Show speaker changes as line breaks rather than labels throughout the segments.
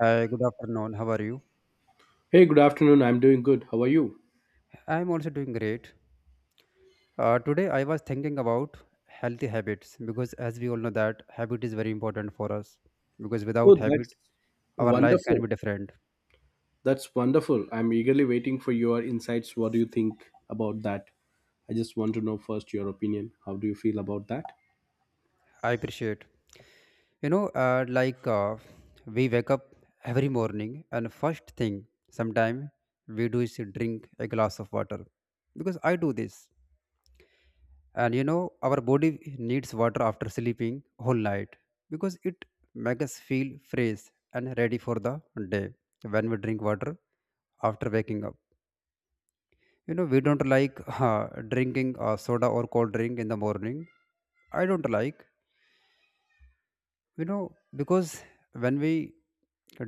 Hi, good afternoon. How are you?
Hey, good afternoon. I'm doing good. How are you?
I'm also doing great. Today I was thinking about healthy habits because as we all know that habit is very important for us because
Oh,
without habit
that's
our life can
wonderful.
be different.
That's wonderful. I'm eagerly waiting for your insights. What do you think about that? I just want to know first your opinion. How do you feel about that?
I appreciate. You know, uh, like uh, we wake up every morning and first thing sometime we do is drink a glass of water because I do this, and you know our body needs water after sleeping whole night because it makes us feel fresh and ready for the day. When we drink water after waking up, you know we don't like drinking soda or cold drink in the morning. I don't like, you know, because when we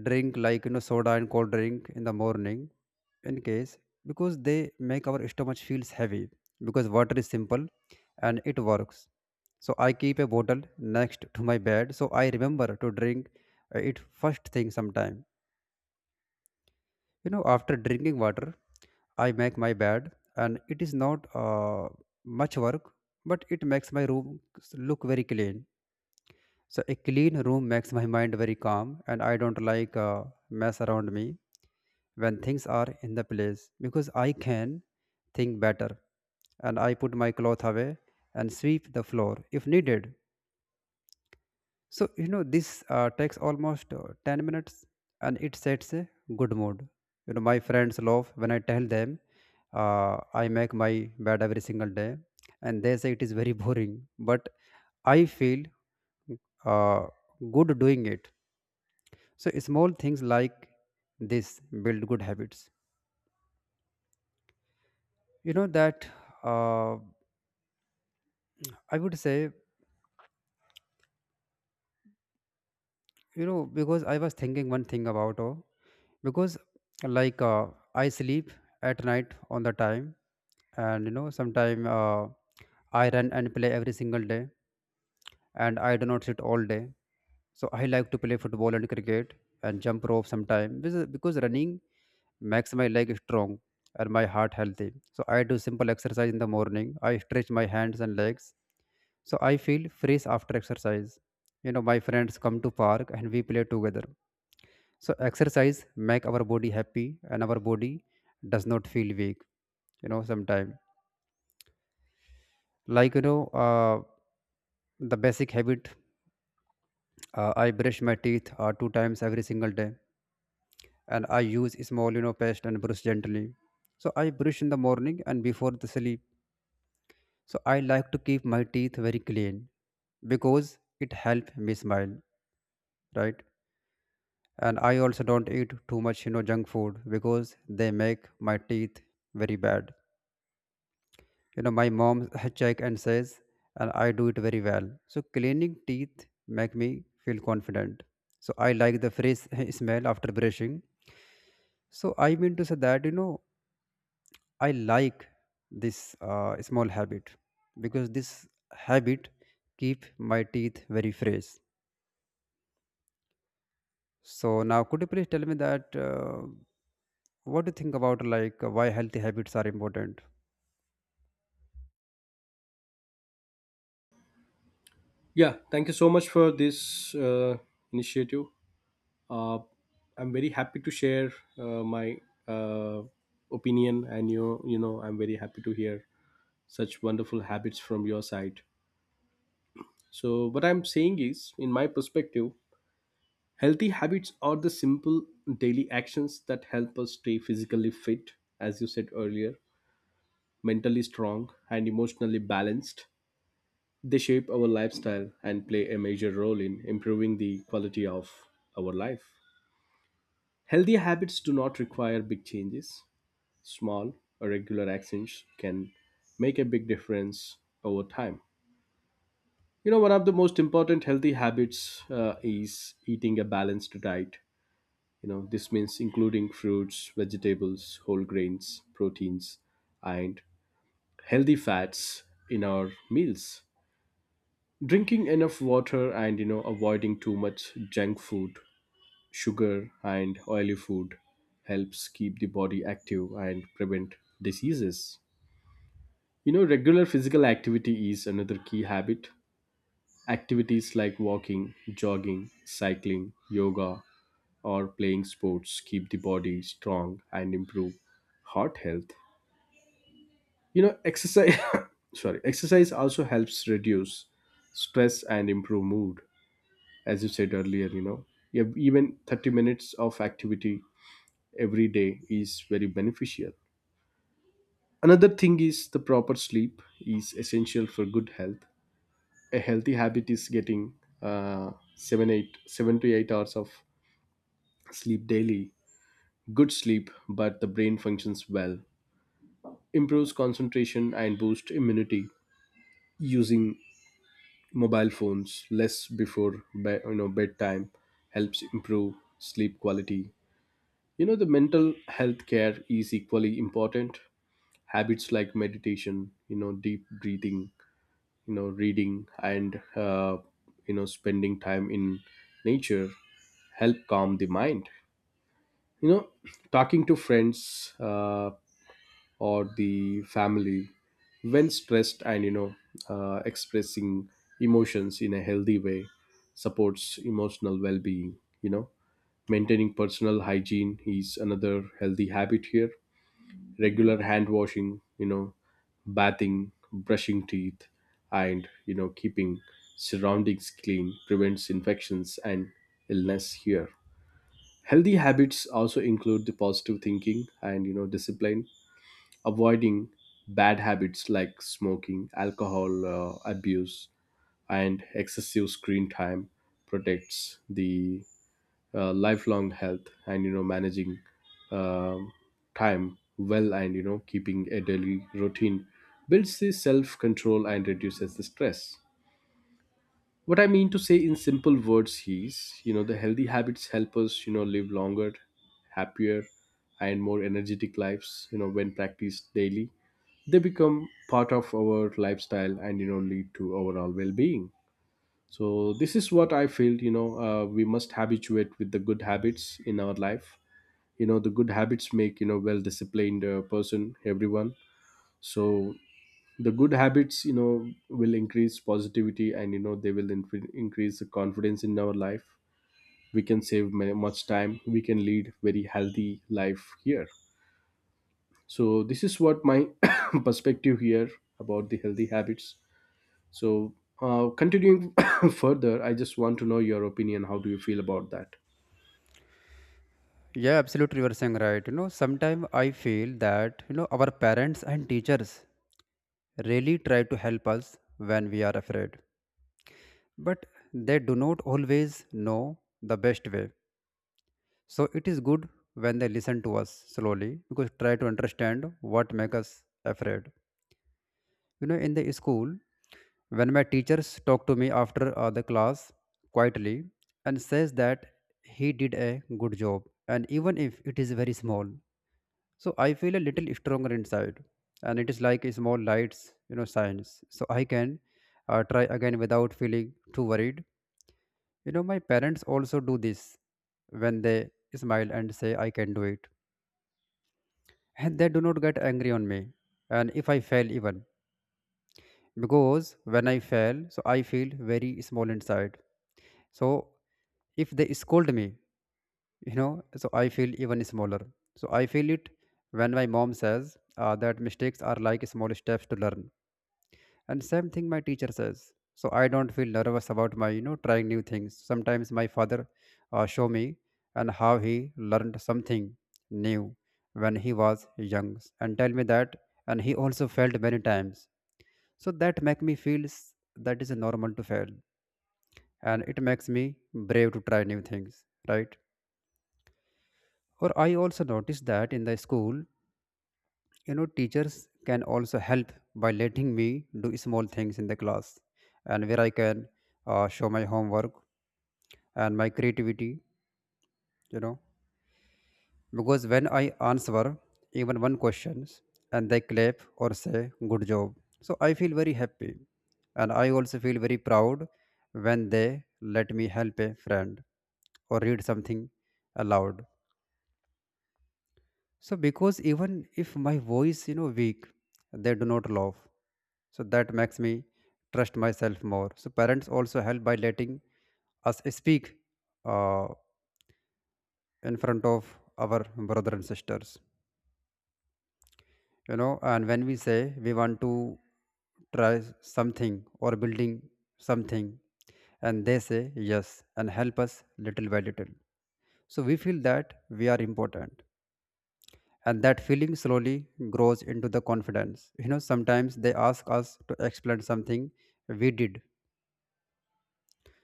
drink, like you know, soda and cold drink in the morning, in case, because they make our stomach feels heavy, because water is simple and it works. So I keep a bottle next to my bed so I remember to drink it first thing sometime. You know, after drinking water, I make my bed, and it is not much work, but it makes my room look very clean. So a clean room makes my mind very calm, and I don't like mess around me. When things are in the place, because I can think better, and I put my cloth away and sweep the floor if needed. So, you know, this takes almost 10 minutes, and it sets a good mood. You know, my friends love when I tell them I make my bed every single day, and they say it is very boring, but I feel uh, good doing it. So, small things like this build good habits. You know, that uh, I would say, you know, because I was thinking one thing about, oh, because like uh, I sleep at night on the time, and you know sometime, I run and play every single day, and I do not sit all day. So I like to play football and cricket and jump rope sometime, because running makes my leg strong and my heart healthy. So I do simple exercise in the morning. I stretch my hands and legs, so I feel fresh after exercise. You know, my friends come to park and we play together. So exercise make our body happy, and our body does not feel weak. You know, sometime, like you know uh, the basic habit, I brush my teeth two times every single day, and I use small, you know, paste and brush gently. So I brush in the morning and before the sleep. So I like to keep my teeth very clean because it helps me smile, right? And I also don't eat too much, you know, junk food because they make my teeth very bad. You know, my mom check and says, and I do it very well. So cleaning teeth make me feel confident. So I like the fresh smell after brushing. So I mean to say that, you know, I like this small habit because this habit keep my teeth very fresh. So now could you please tell me that, what do you think about, like, why healthy habits are important?
Yeah, thank you so much for this initiative. Uh, I'm very happy to share my uh, opinion, and I'm very happy to hear such wonderful habits from your side. So, what I'm saying is, in my perspective, healthy habits are the simple daily actions that help us stay physically fit, as you said earlier, mentally strong, and emotionally balanced. They shape our lifestyle and play a major role in improving the quality of our life. Healthy habits do not require big changes. Small, regular actions can make a big difference over time. You know, one of the most important healthy habits is eating a balanced diet. You know, this means including fruits, vegetables, whole grains, proteins, and healthy fats in our meals. Drinking enough water and, avoiding too much junk food, sugar, and oily food helps keep the body active and prevent diseases. You know, regular physical activity is another key habit. Activities like walking, jogging, cycling, yoga, or playing sports keep the body strong and improve heart health. Exercise, sorry, exercise also helps reduce stress and improve mood. As you said earlier, you have even 30 minutes of activity every day is very beneficial. Another thing is, the proper sleep is essential for good health. A healthy habit is getting uh, seven to 8 hours of sleep daily. Good sleep but the brain functions well, improves concentration and boosts immunity. Using mobile phones less before bedtime helps improve sleep quality. You know, the mental health care is equally important. Habits like meditation, deep breathing, reading, and spending time in nature help calm the mind. you know Talking to friends or the family when stressed, and expressing emotions in a healthy way supports emotional well-being. You know, maintaining personal hygiene is another healthy habit here. Regular hand washing, bathing, brushing teeth, and keeping surroundings clean prevents infections and illness here. Healthy habits also include the positive thinking and, discipline. Avoiding bad habits like smoking, alcohol abuse, and excessive screen time protects the lifelong health. And managing, um time well, and keeping a daily routine builds the self control and reduces the stress. What I mean to say in simple words is, the healthy habits help us, live longer, happier, and more energetic lives. You know, when practiced daily they become part of our lifestyle and, lead to overall well-being. So this is what I feel. We must habituate with the good habits in our life. You know, the good habits make, well disciplined person everyone. So the good habits, will increase positivity, and they will increase the confidence in our life. We can save much time. We can lead very healthy life here. So this is what my perspective here about the healthy habits. So continuing further, I just want to know your opinion. How do you feel about that?
Yeah, absolutely. You are saying right. You know, sometimes I feel that, you know, our parents and teachers really try to help us when we are afraid, but they do not always know the best way. So it is good when they listen to us slowly because try to understand what makes us afraid. You know, in the school, when my teachers talk to me after the class quietly and says that he did a good job, and even if it is very small, so I feel a little stronger inside, and it is like a small lights, you know, signs. So I can try again without feeling too worried. You know, my parents also do this when they smile and say I can do it, and they do not get angry on me. And if I fail, even because when I fail, so I feel very small inside. So if they scold me, you know, so I feel even smaller. So I feel it when my mom says that mistakes are like small steps to learn, and same thing my teacher says. So I don't feel nervous about my, you know, trying new things. Sometimes my father show me and how he learned something new when he was young, and tell me that, and he also failed many times. So that make me feel that is normal to fail, and it makes me brave to try new things, right? Or I also noticed that in the school, you know, teachers can also help by letting me do small things in the class, and where I can show my homework and my creativity, you know. Because when I answer even one questions and they clap or say, good job. So I feel very happy, and I also feel very proud when they let me help a friend or read something aloud. So because even if my voice, you know, weak, they do not laugh. So that makes me trust myself more. So parents also help by letting us speak uh, in front of our brother and sisters. You know, and when we say we want to try something or building something, and they say yes and help us little by little. So we feel that we are important, and that feeling slowly grows into the confidence. You know, sometimes they ask us to explain something we did.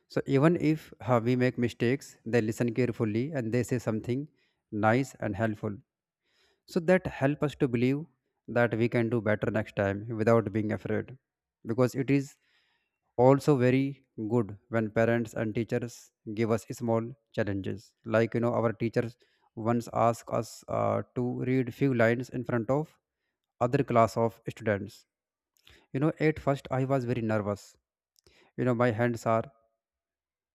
So even if we make mistakes, they listen carefully and they say something nice and helpful. So that help us to believe that we can do better next time without being afraid. Because it is also very good when parents and teachers give us small challenges. Like, you know, our teachers once asked us to read few lines in front of other class of students. You know, at first I was very nervous. You know, my hands are,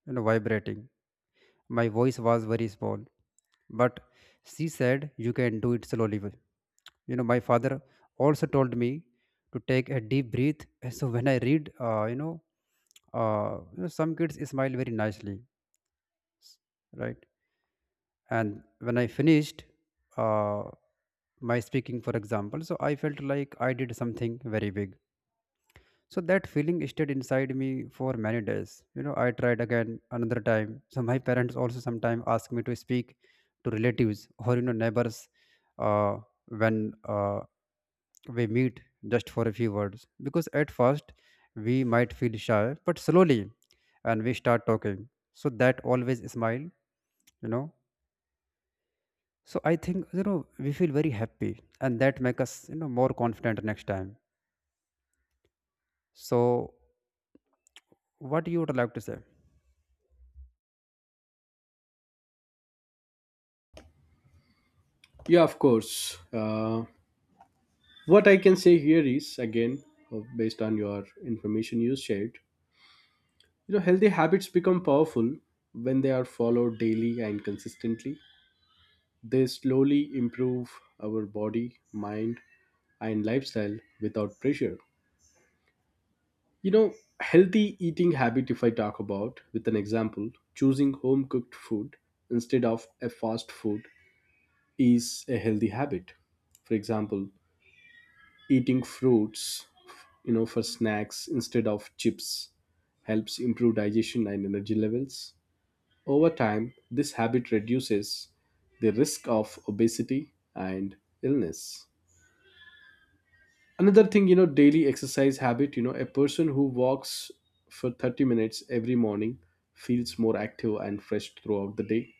you know, vibrating, my voice was very small, but she said, you can do it slowly. You know, my father also told me to take a deep breath. And so when I read, you know, some kids smile very nicely, right? And when I finished uh, my speaking, for example, so I felt like I did something very big. So that feeling stayed inside me for many days. You know, I tried again another time. So my parents also sometimes ask me to speak to relatives or, you know, neighbors, uh, when we meet just for a few words. Because at first we might feel shy, but slowly, and we start talking. So that always smile, you know. So I think, you know, we feel very happy, and that make us, you know, more confident next time. So what you would like to say?
Yeah, of course. What I can say here is, again, based on your information you shared, you know, healthy habits become powerful when they are followed daily and consistently. They slowly improve our body, mind, and lifestyle without pressure. You know, healthy eating habit, if I talk about with an example, choosing home cooked food instead of a fast food is a healthy habit. For example, eating fruits, for snacks instead of chips helps improve digestion and energy levels. Over time, this habit reduces the risk of obesity and illness. Another thing, daily exercise habit, a person who walks for 30 minutes every morning feels more active and fresh throughout the day.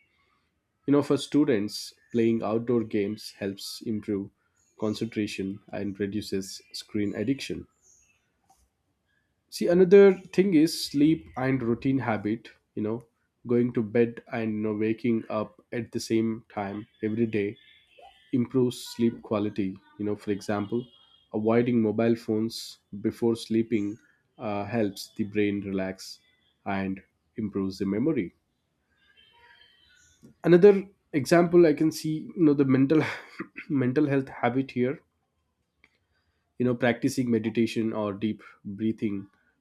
You know, for students, playing outdoor games helps improve concentration and reduces screen addiction. See, another thing is sleep and routine habit, you know, going to bed, and, waking up at the same time every day improves sleep quality. You know, for example, avoiding mobile phones before sleeping helps the brain relax and improves the memory. Another example I can see, the mental mental health habit here. Practicing meditation or deep breathing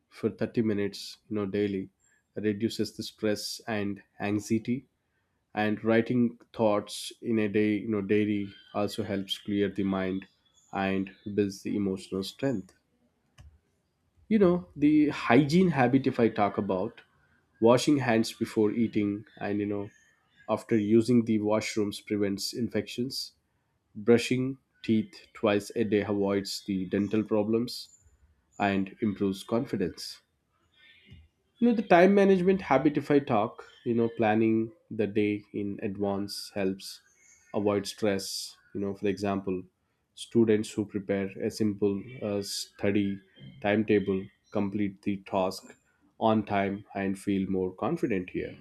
for 30 minutes, daily, reduces the stress and anxiety. And writing thoughts in a day, daily, also helps clear the mind and builds the emotional strength. You know, the hygiene habit, if I talk about, washing hands before eating and, after using the washrooms prevents infections. Brushing teeth twice a day avoids the dental problems and improves confidence. You know, the time management habit, if I talk, planning the day in advance helps avoid stress. You know, for example, students who prepare a simple study timetable complete the task on time and feel more confident here.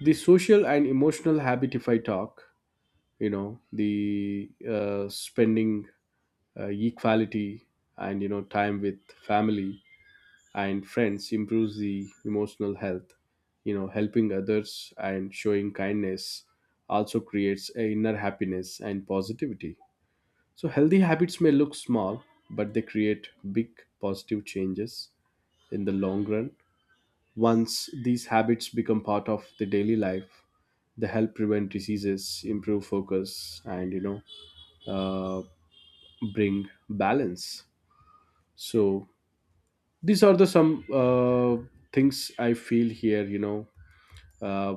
The social and emotional habit, if I talk, the spending equality and, time with family and friends improves the emotional health. Helping others and showing kindness also creates a inner happiness and positivity. So healthy habits may look small, but they create big positive changes in the long run. Once these habits become part of the daily life, they help prevent diseases, improve focus, and, uh, bring balance. So these are the some things I feel here. Uh,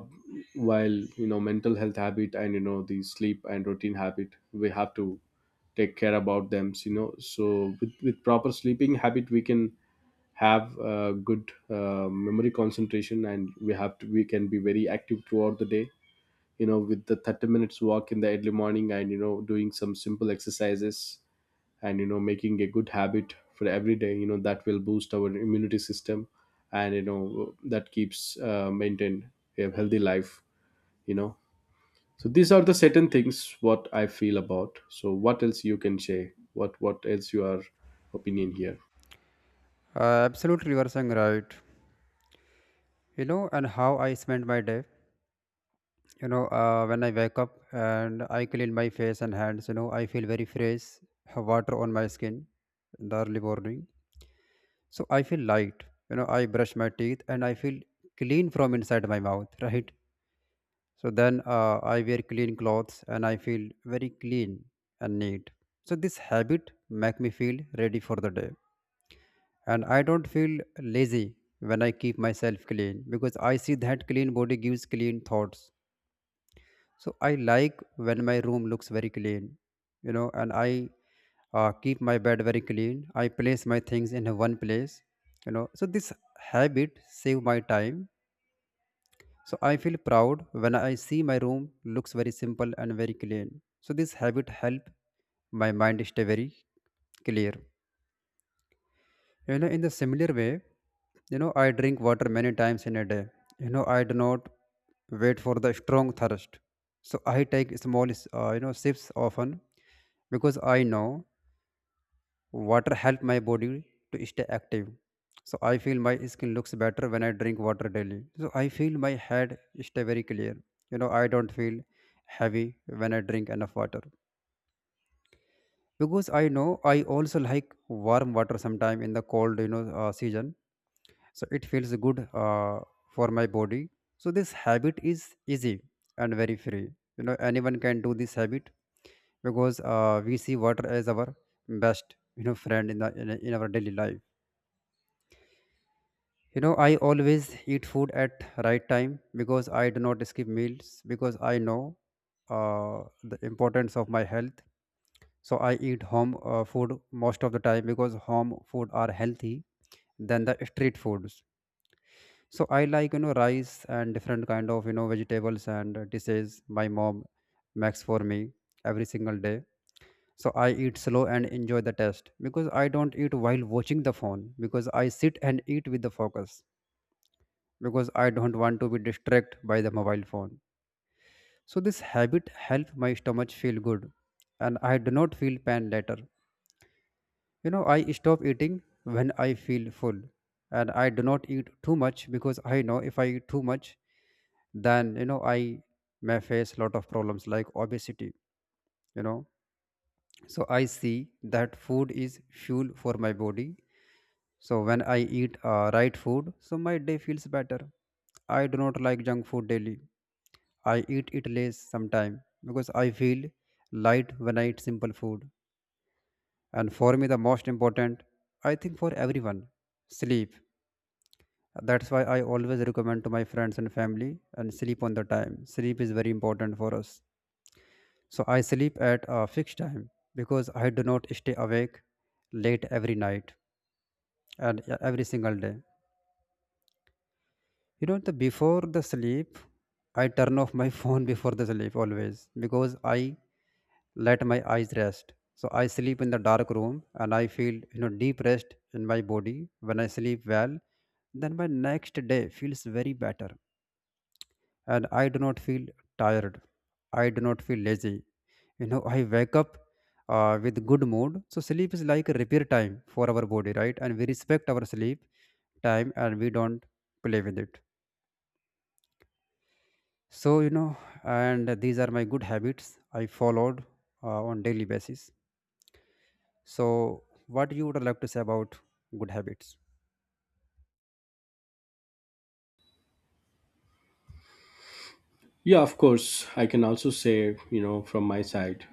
while, mental health habit and, the sleep and routine habit, we have to take care about them. You know, so with proper sleeping habit, we can have good memory concentration, and we have to we can be very active throughout the day. You know, with the 30 minutes walk in the early morning, and, doing some simple exercises, and, making a good habit for every day, that will boost our immunity system. And, that keeps maintain a healthy life. You know, so these are the certain things what I feel about. So what else you can say? What else your opinion here?
Absolutely, you are saying right. You know, and how I spend my day. You know, when I wake up and I clean my face and hands, you know, I feel very fresh. Have water on my skin in the early morning, so I feel light. You know, I brush my teeth and I feel clean from inside my mouth, right? So then I wear clean clothes and I feel very clean and neat. So this habit make me feel ready for the day, and I don't feel lazy when I keep myself clean, because I see that clean body gives clean thoughts. So I like when my room looks very clean, you know, and I keep my bed very clean. I place my things in one place, you know. So this habit save my time. So I feel proud when I see my room looks very simple and very clean. So this habit help my mind stay very clear. You know, in the similar way, I drink water many times in a day. I do not wait for the strong thirst, so I take small sips often, because I know water help my body to stay active. So I feel my skin looks better when I drink water daily. So I feel my head stay very clear. You know, I don't feel heavy when I drink enough water, because I know. I also like warm water sometime in the cold, season. So it feels good for my body. So this habit is easy and very free. You know, anyone can do this habit, because we see water as our best friend in the in our daily life. You know, I always eat food at right time because I do not skip meals, because I know the importance of my health. So I eat home food most of the time because home food are healthy than the street foods. So I like, rice and different kind of, vegetables and dishes my mom makes for me every single day. So I eat slow and enjoy the taste because I don't eat while watching the phone, because I sit and eat with the focus, because I don't want to be distracted by the mobile phone. So this habit help my stomach feel good and I do not feel pain later. You know, I stop eating when I feel full, and I do not eat too much because I know if I eat too much, then I may face lot of problems like obesity. You know, so I see that food is fuel for my body. So when I eat right food, so my day feels better. I do not like junk food daily. I eat it less sometime because I feel light when I eat simple food. And for me, the most important, I think for everyone, sleep. That's why I always recommend to my friends and family and sleep on the time. Sleep is very important for us. So I sleep at a fixed time because I do not stay awake late every night and every single day. You know, the before the sleep, I turn off my phone before the sleep always, because I let my eyes rest. So I sleep in the dark room and I feel, deep rest in my body. When I sleep well, then my next day feels very better and I do not feel tired. I do not feel lazy. You know, I wake up with good mood. So sleep is like a repair time for our body, right? And we respect our sleep time and we don't play with it. So you know, and these are my good habits I followed on daily basis. So what you would like to say about good habits?
Yeah, of course. I can also say, from my side,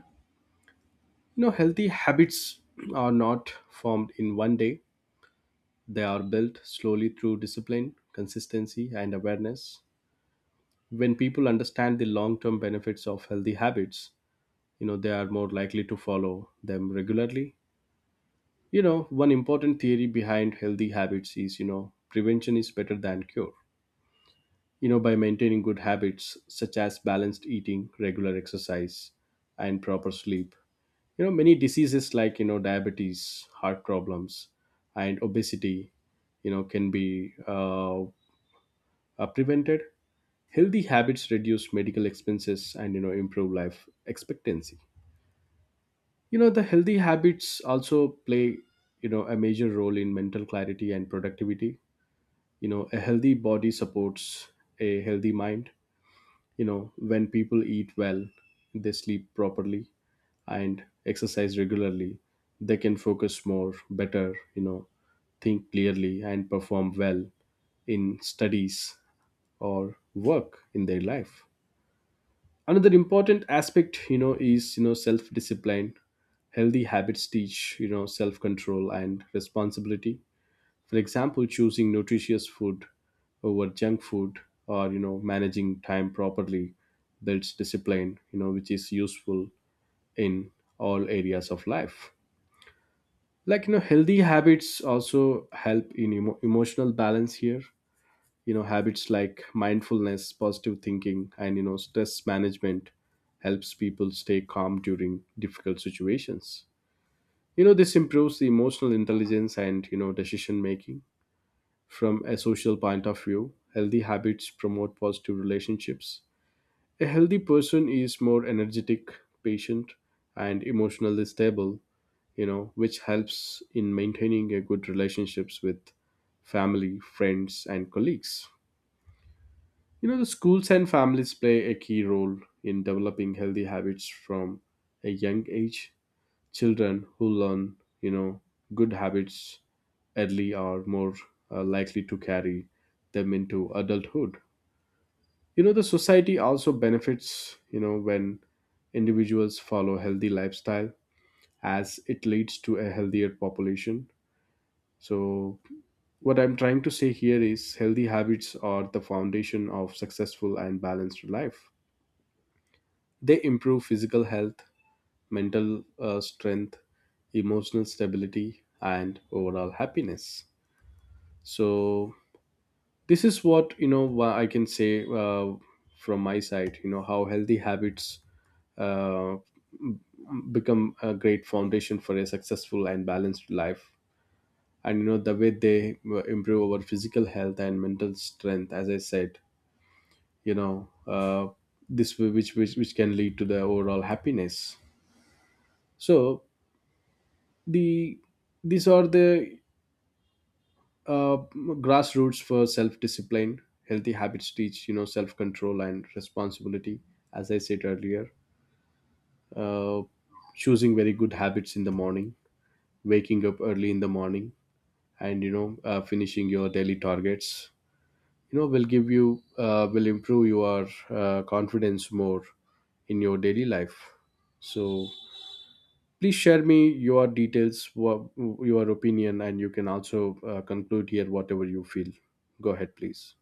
healthy habits are not formed in one day. They are built slowly through discipline, consistency, and awareness. When people understand the long term benefits of healthy habits, they are more likely to follow them regularly. You know, one important theory behind healthy habits is, prevention is better than cure. You know, by maintaining good habits such as balanced eating, regular exercise, and proper sleep, many diseases like, diabetes, heart problems, and obesity, can be are prevented. Healthy habits reduce medical expenses and, improve life expectancy. You know, the healthy habits also play, a major role in mental clarity and productivity. You know, a healthy body supports a healthy mind. You know, when people eat well, they sleep properly, and exercise regularly, they can focus more better, think clearly, and perform well in studies or work in their life. Another important aspect, is, self discipline. Healthy habits teach, self control and responsibility. For example, choosing nutritious food over junk food, or, managing time properly, builds discipline, which is useful in all areas of life. Like, healthy habits also help in emotional balance here. You know, habits like mindfulness, positive thinking, and, stress management helps people stay calm during difficult situations. You know, this improves the emotional intelligence and, decision making. From a social point of view, healthy habits promote positive relationships. A healthy person is more energetic, patient, and emotionally stable, which helps in maintaining a good relationships with family, friends, and colleagues. You know, the schools and families play a key role in developing healthy habits from a young age. Children who learn, you know, good habits early are more likely to carry them into adulthood. You know, the society also benefits, when individuals follow healthy lifestyle, as it leads to a healthier population. So, what I'm trying to say here is, healthy habits are the foundation of successful and balanced life. They improve physical health, mental strength, emotional stability, and overall happiness. So this is what, I can say from my side. You know, how healthy habits uh, become a great foundation for a successful and balanced life. And, the way they improve our physical health and mental strength, as I said, you know, uh, which can lead to the overall happiness. So the, these are the uh, grassroots for self-discipline. Healthy habits teach, self-control and responsibility. As I said earlier, uh, choosing very good habits in the morning, waking up early in the morning, and, finishing your daily targets, will give you will improve your confidence more in your daily life. So please share me your details, your opinion, and you can also conclude here whatever you feel. Go ahead, please.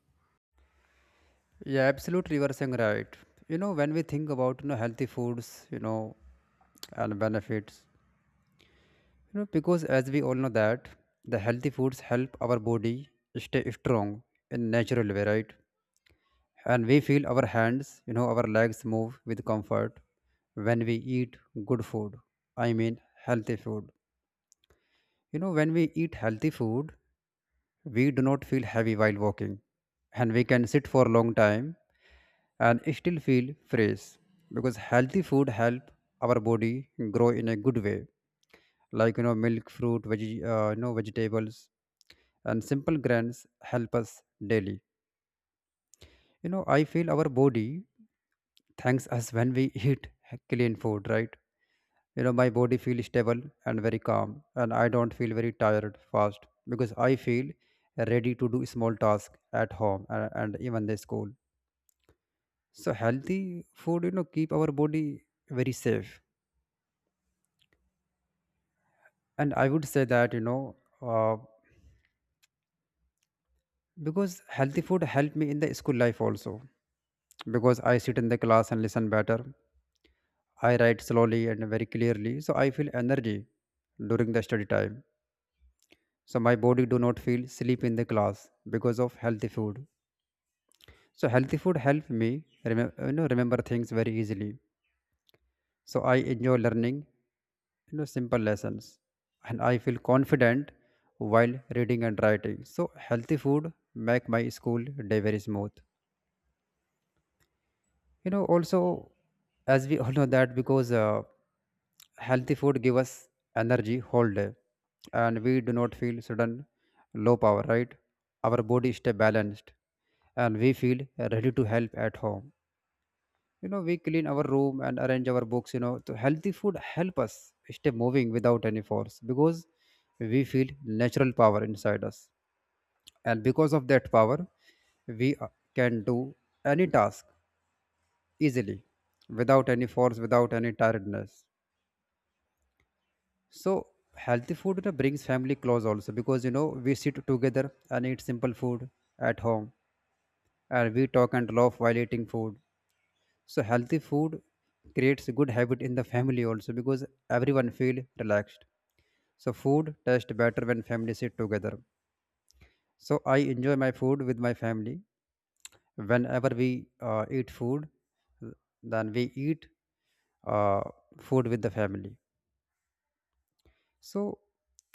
Yeah, absolutely. You are saying right. You know, when we think about, healthy foods, and benefits. You know, because as we all know that the healthy foods help our body stay strong in natural way, right? And we feel our hands, you know, our legs move with comfort when we eat good food. I mean healthy food. You know, when we eat healthy food, we do not feel heavy while walking. And we can sit for a long time and still feel fresh, because healthy food help our body grow in a good way. Like, you know, milk, fruit, veg, vegetables and simple grains help us daily. You know, I feel our body thanks us when we eat clean food, right? You know, my body feels stable and very calm and I don't feel very tired fast, because I feel ready to do small tasks at home and even the school. So healthy food, keep our body very safe. And I would say that, uh, because healthy food helped me in the school life also, because I sit in the class and listen better. I write slowly and very clearly, so I feel energy during the study time. So my body do not feel sleep in the class because of healthy food. So healthy food help me remember things very easily. So I enjoy learning, simple lessons, and I feel confident while reading and writing. So healthy food make my school day very smooth. You know also, as we all know that, because healthy food give us energy whole day and we do not feel sudden low power, right? Our body stay balanced and we feel ready to help at home. You know, we clean our room and arrange our books. You know, so healthy food help us stay moving without any force, because we feel natural power inside us. And because of that power, we can do any task easily, without any force, without any tiredness. So healthy food, you know, brings family close also, because, you know, we sit together and eat simple food at home, and we talk and laugh while eating food. So healthy food creates a good habit in the family also, because everyone feel relaxed. So food tastes better when family sit together. So I enjoy my food with my family. Whenever we eat food, then we eat uh, food with the family. So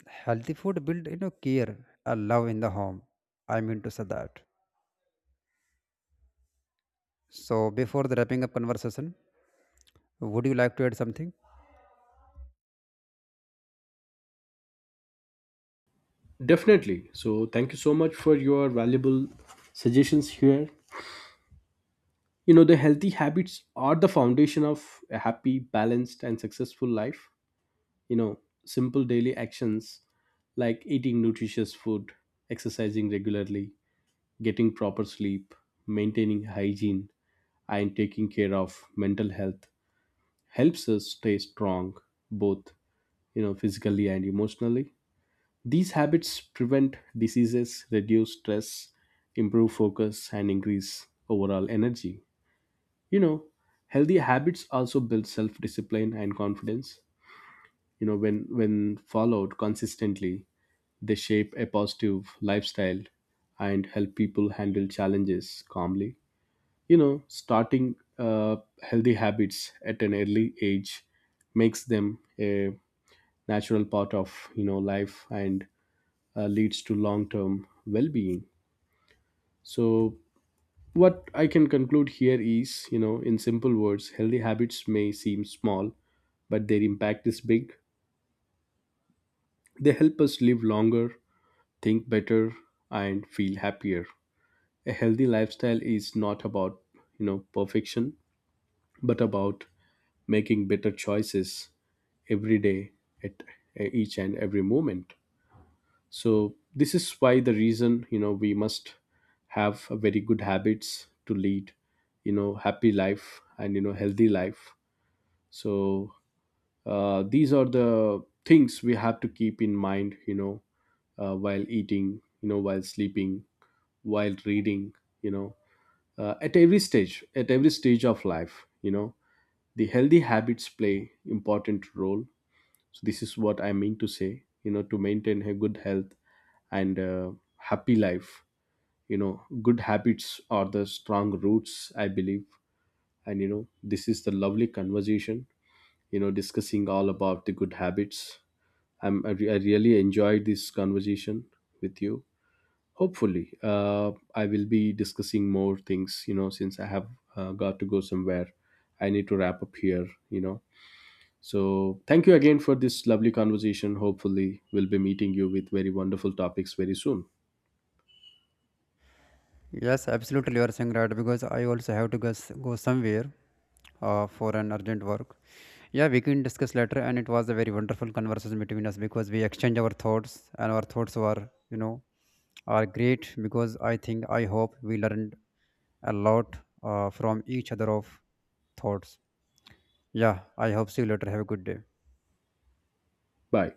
healthy food build, care and love in the home. I mean to say that. So before the wrapping up conversation, would you like to add something?
Definitely. So thank you so much for your valuable suggestions here. You know, the healthy habits are the foundation of a happy, balanced, and successful life. You know, simple daily actions like eating nutritious food, exercising regularly, getting proper sleep, maintaining hygiene, and taking care of mental health helps us stay strong, both, physically and emotionally. These habits prevent diseases, reduce stress, improve focus, and increase overall energy. You know, healthy habits also build self discipline and confidence. You know, when followed consistently, they shape a positive lifestyle and help people handle challenges calmly. You know, starting healthy habits at an early age makes them a natural part of, life, and leads to long-term well-being. So, what I can conclude here is, in simple words, healthy habits may seem small, but their impact is big. They help us live longer, think better, and feel happier. A healthy lifestyle is not about, perfection, but about making better choices every day, at each and every moment. So this is why the reason, we must have a very good habits to lead, happy life and, healthy life. So these are the things we have to keep in mind. While eating, while sleeping, while reading, you know at every stage of life, the healthy habits play important role. So this is what I mean to say, to maintain a good health and, happy life. You know, good habits are the strong roots, I believe. And, this is the lovely conversation, discussing all about the good habits. I really enjoyed this conversation with you. Hopefully, I will be discussing more things. You know, since I have got to go somewhere, I need to wrap up here. You know, so thank you again for this lovely conversation. Hopefully, we'll be meeting you with very wonderful topics very soon.
Yes, absolutely. You are saying right, because I also have to go, go somewhere for an urgent work. Yeah, we can discuss later. And it was a very wonderful conversation between us, because we exchange our thoughts and our thoughts were, are great, because I think I hope we learned a lot from each other of thoughts. Yeah, I hope see you later. Have a good day.
Bye.